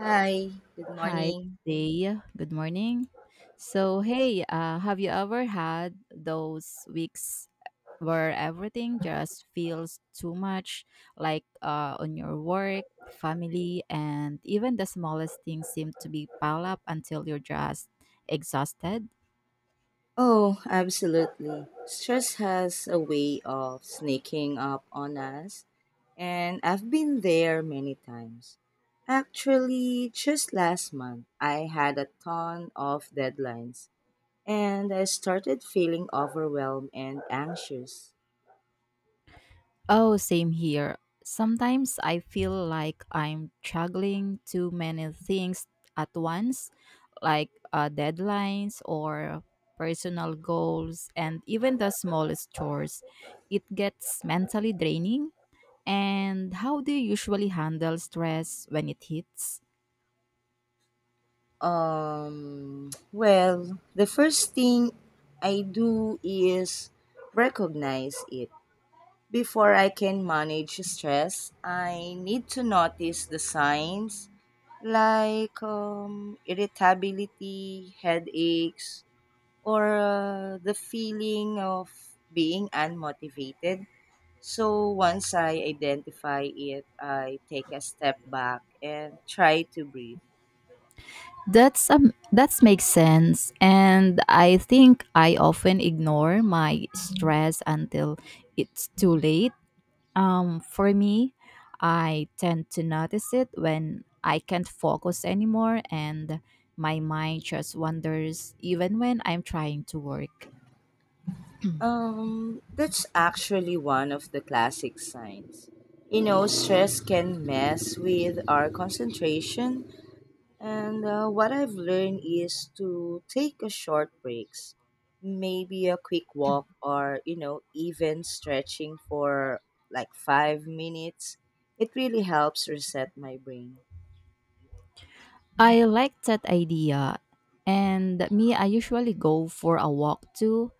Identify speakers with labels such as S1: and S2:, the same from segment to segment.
S1: Hi, good
S2: Hi,
S1: morning.
S2: day. Good morning. So, hey, have you ever had those weeks where everything just feels too much, like on your work, family, and even the smallest things seem to be piled up until you're just exhausted?
S1: Oh, absolutely. Stress has a way of sneaking up on us, and I've been there many times. Actually, just last month, I had a ton of deadlines, and I started feeling overwhelmed and anxious.
S2: Oh, same here. Sometimes I feel like I'm juggling too many things at once, like deadlines or personal goals, and even the smallest chores. It gets mentally draining. And how do you usually handle stress when it hits?
S1: The first thing I do is recognize it. Before I can manage stress, I need to notice the signs like irritability, headaches, or the feeling of being unmotivated. So once I identify it, I take a step back and try to breathe.
S2: That makes sense, and I think I often ignore my stress until it's too late. For me, I tend to notice it when I can't focus anymore and my mind just wanders even when I'm trying to work.
S1: That's actually one of the classic signs. You know, stress can mess with our concentration. And What I've learned is to take a short breaks, maybe a quick walk or, you know, even stretching for like 5 minutes. It really helps reset my brain.
S2: I like that idea. And me, I usually go for a walk too,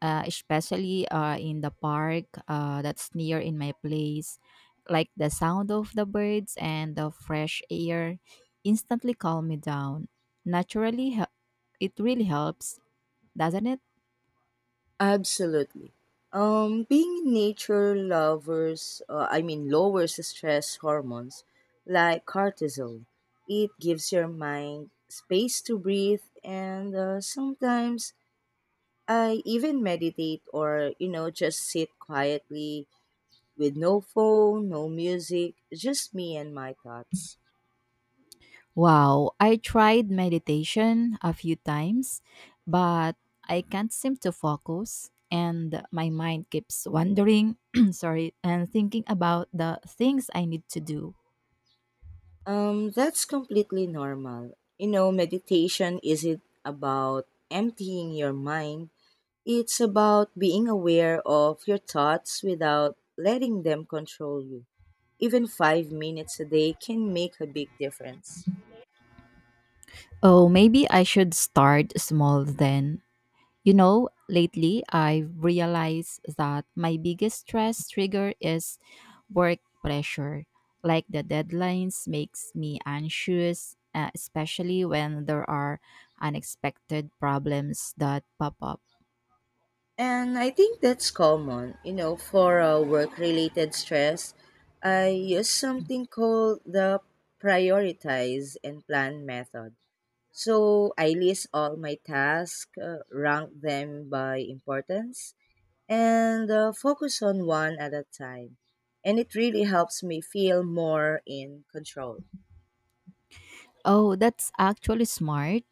S2: especially in the park that's near in my place. Like the sound of the birds and the fresh air instantly calm me down. Naturally, it really helps, doesn't it?
S1: Absolutely. Being nature lovers, lowers stress hormones like cortisol. It gives your mind space to breathe, and sometimes I even meditate or, you know, just sit quietly with no phone, no music, just me and my thoughts.
S2: Wow, I tried meditation a few times, but I can't seem to focus and my mind keeps wandering, sorry, and thinking about the things I need to do.
S1: That's completely normal. You know, meditation isn't about emptying your mind, it's about being aware of your thoughts without letting them control you. Even 5 minutes a day can make a big difference.
S2: Oh, maybe I should start small then. You know, lately I've realized that my biggest stress trigger is work pressure. Like the deadlines makes me anxious, especially when there are unexpected problems that pop up.
S1: And I think that's common, you know, for work related stress. I use something called the prioritize and plan method. So I list all my tasks, rank them by importance, and focus on one at a time. And it really helps me feel more in control.
S2: Oh, that's actually smart.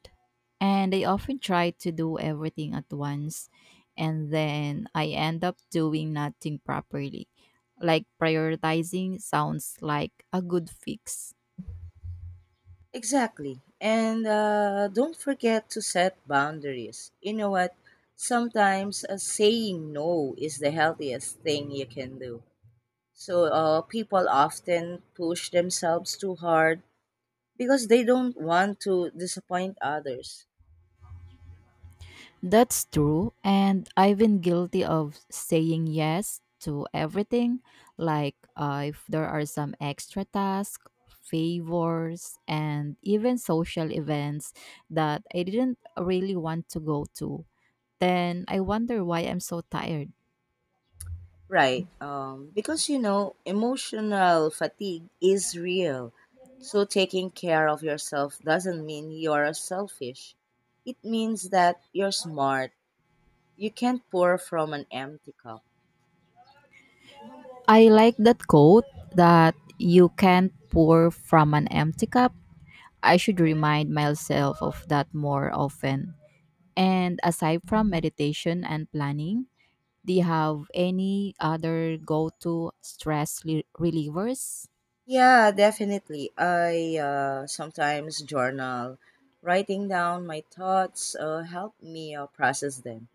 S2: And I often try to do everything at once, and then I end up doing nothing properly. Like prioritizing sounds like a good fix.
S1: Exactly. And Don't forget to set boundaries. You know what? Sometimes saying no is the healthiest thing you can do. So people often push themselves too hard because they don't want to disappoint others.
S2: That's true. And I've been guilty of saying yes to everything. Like if there are some extra tasks, favors, and even social events that I didn't really want to go to, then I wonder why I'm so tired.
S1: Right. Because, you know, emotional fatigue is real. So taking care of yourself doesn't mean you're selfish. It means that you're smart. You can't pour from an empty cup.
S2: I like that quote that you can't pour from an empty cup. I should remind myself of that more often. And aside from meditation and planning, do you have any other go to relievers?
S1: Yeah, definitely. I sometimes journal. Writing down my thoughts help me process them.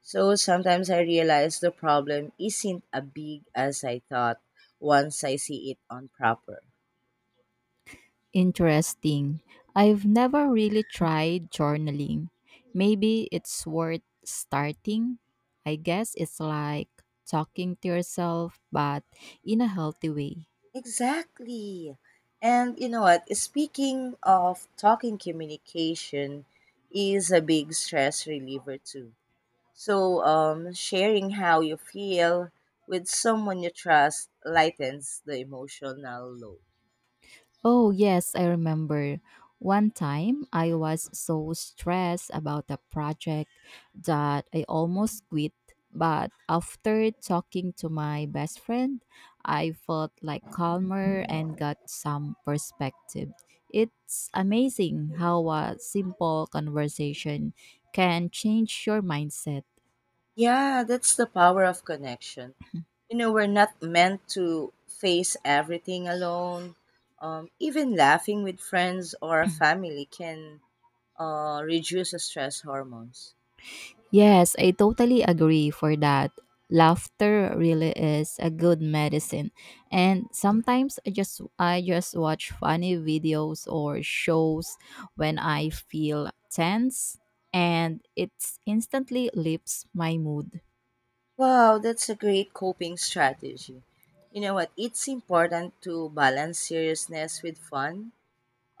S1: So sometimes I realize the problem isn't as big as I thought once I see it on proper.
S2: Interesting. I've never really tried journaling. Maybe it's worth starting. I guess it's like talking to yourself, but in a healthy way.
S1: Exactly. And you know what? Speaking of talking, communication is a big stress reliever too. So, sharing how you feel with someone you trust lightens the emotional load.
S2: Oh, yes, I remember. One time I was so stressed about the project that I almost quit. But after talking to my best friend, I felt like calmer and got some perspective. It's amazing how a simple conversation can change your mindset.
S1: Yeah, that's the power of connection. You know, we're not meant to face everything alone. Even laughing with friends or family can reduce the stress hormones.
S2: Yes, I totally agree for that. Laughter really is a good medicine. And sometimes I just watch funny videos or shows when I feel tense and it instantly lifts my mood.
S1: Wow, that's a great coping strategy. You know what? It's important to balance seriousness with fun.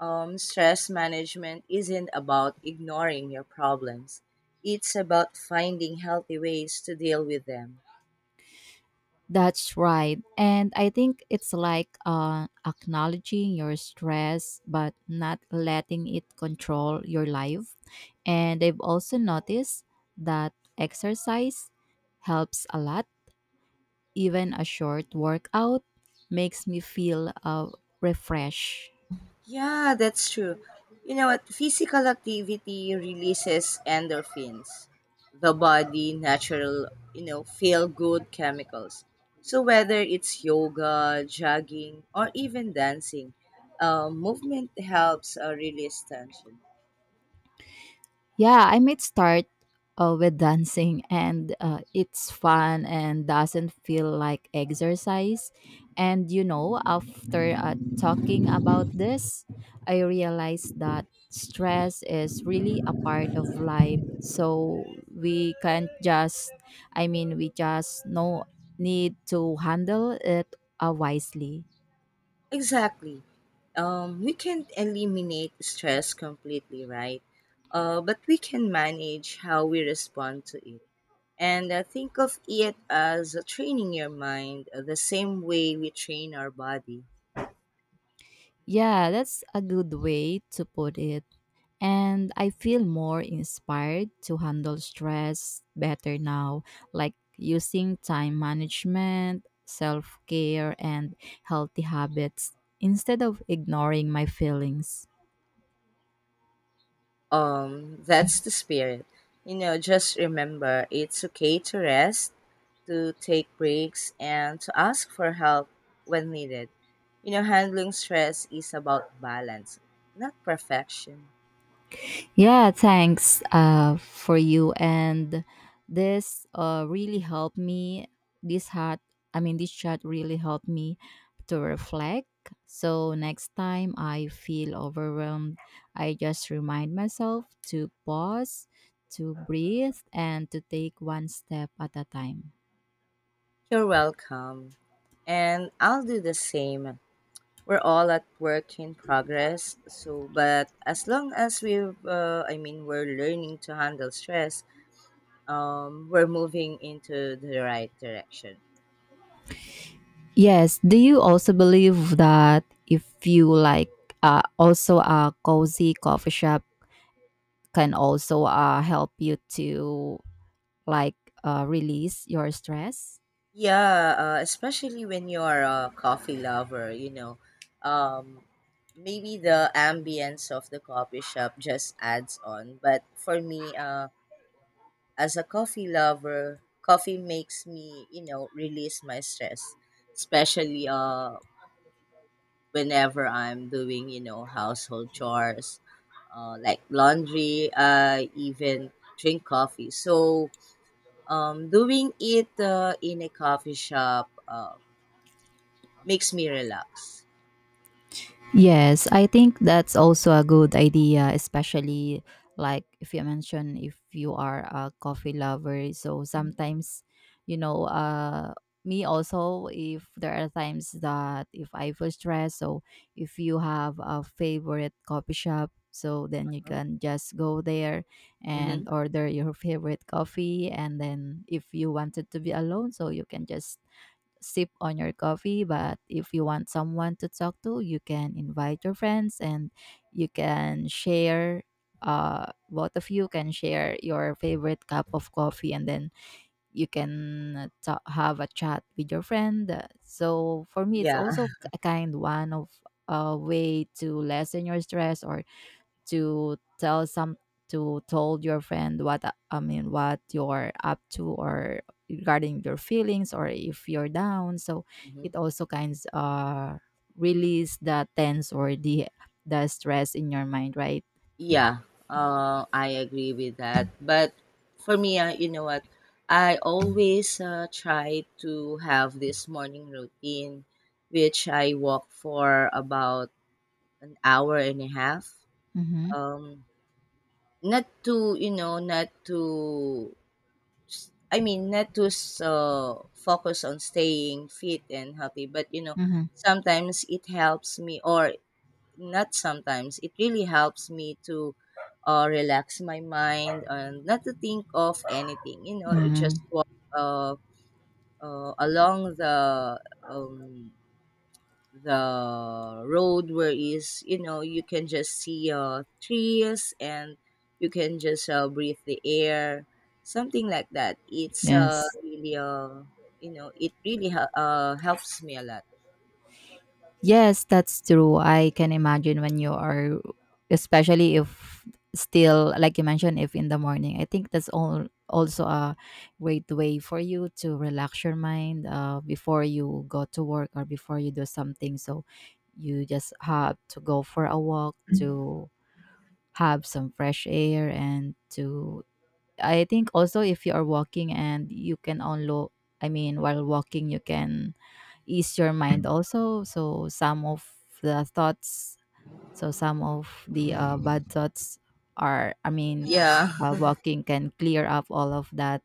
S1: Stress management isn't about ignoring your problems, it's about finding healthy ways to deal with them.
S2: That's right. And I think it's like acknowledging your stress but not letting it control your life. And I've also noticed that exercise helps a lot. Even a short workout makes me feel refreshed.
S1: Yeah, that's true. You know what? Physical activity releases endorphins, the body natural, you know, feel good chemicals. So whether it's yoga, jogging, or even dancing, movement helps release tension.
S2: Yeah, I might start with dancing, and it's fun and doesn't feel like exercise. And you know, after talking about this, I realized that stress is really a part of life. So we can't just, I mean, we just no need to handle it wisely.
S1: Exactly. We can't eliminate stress completely, right? But we can manage how we respond to it. And Think of it as training your mind the same way we train our body.
S2: Yeah, that's a good way to put it. And I feel more inspired to handle stress better now, like using time management, self care, and healthy habits instead of ignoring my feelings.
S1: That's the spirit. You know, just remember it's okay to rest, to take breaks, and to ask for help when needed. You know, handling stress is about balance, not perfection.
S2: Yeah, thanks for you. And this really helped me. This hat, I mean, this chat really helped me to reflect. So next time I feel overwhelmed, I just remind myself to pause, to breathe, and to take one step at a time.
S1: You're welcome. And I'll do the same. We're all at work in progress. So, but as long as we're learning to handle stress, we're moving into the right direction.
S2: Yes. Do you also believe that if you like, also a cozy coffee shop can also help you to like release your stress?
S1: Yeah, especially when you're a coffee lover, you know, um, maybe the ambience of the coffee shop just adds on. But for me, as a coffee lover, coffee makes me, you know, release my stress, especially whenever I'm doing, you know, household chores, like laundry. I even drink coffee. So doing it in a coffee shop makes me relax.
S2: Yes, I think that's also a good idea, especially like if you mentioned if you are a coffee lover. So sometimes, you know, me also, if there are times that if I feel stressed, so if you have a favorite coffee shop, so then you can just go there
S1: Mm-hmm.
S2: and order your favorite coffee. And then if you wanted to be alone, so you can just sip on your coffee. But if you want someone to talk to, you can invite your friends and you can share. Both of you can share your favorite cup of coffee, and then you can ta have a chat with your friend. So for me, it's
S1: Yeah.
S2: also a kind one of a way to lessen your stress or to tell some to told your friend what what you're up to or regarding your feelings or if you're down. So it also kind of release the tense or the stress in your mind, right?
S1: Yeah, I agree with that. But for me, you know what? I always try to have this morning routine, which I walk for about an hour and a half.
S2: Mm-hmm.
S1: Um, Not to, you know, not to, s- I mean, not to focus on staying fit and healthy, but, you know,
S2: Mm-hmm.
S1: sometimes it helps me or not sometimes. It really helps me to relax my mind and not to think of anything. You know,
S2: Mm-hmm.
S1: just walk uh, along um, the road where is you know you can just see trees and you can just breathe the air, something like that. It's
S2: Yes.
S1: really you know it really helps me a lot.
S2: Yes, that's true. I can imagine when you are, especially if still, like you mentioned, if in the morning. I think that's all also a great way for you to relax your mind before you go to work or before you do something. So you just have to go for a walk to have some fresh air and to I think also if you are walking and you can unload, I mean, while walking, you can ease your mind also. So some of the thoughts, so some of the bad thoughts are, I mean,
S1: Yeah,
S2: while walking can clear up all of that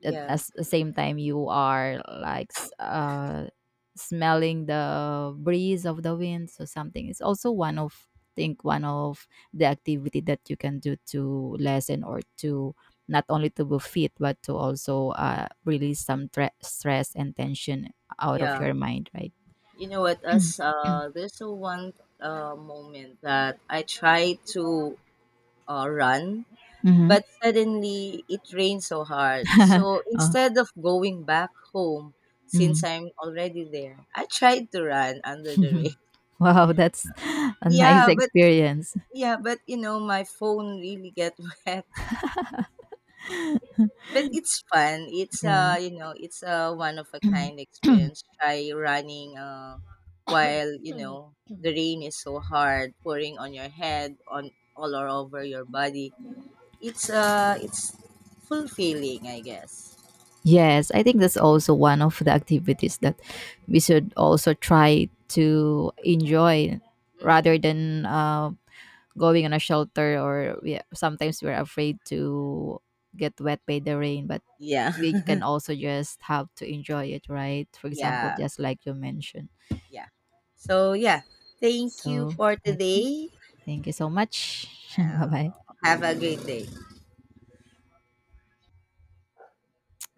S2: at
S1: yeah,
S2: as the same time you are like smelling the breeze of the wind, so something is also one of think one of the activity that you can do to lessen or to not only to be fit but to also release some stress and tension out of
S1: yeah.
S2: your mind, right?
S1: You know what? As there's a one moment that I tried to run,
S2: Mm-hmm.
S1: but suddenly it rained so hard. So
S2: Oh.
S1: instead of going back home, since
S2: Mm.
S1: I'm already there, I tried to run under the rain.
S2: Wow, that's a nice
S1: Yeah, but
S2: experience.
S1: you know, my phone really get wet. But it's fun. It's
S2: Yeah.
S1: You know, it's a one of a kind experience. Try running while you know the rain is so hard pouring on your head on all or over your body. It's fulfilling, I guess.
S2: Yes, I think that's also one of the activities that we should also try to enjoy
S1: Mm-hmm.
S2: rather than going on a shelter or we, sometimes we're afraid to get wet by the rain, but
S1: Yeah,
S2: we can also just have to enjoy it, right? For example,
S1: yeah,
S2: just like you mentioned.
S1: yeah. So yeah, thank you
S2: So
S1: for
S2: I think
S1: today.
S2: thank you so much. Bye
S1: Uh,
S2: bye.
S1: have a great day.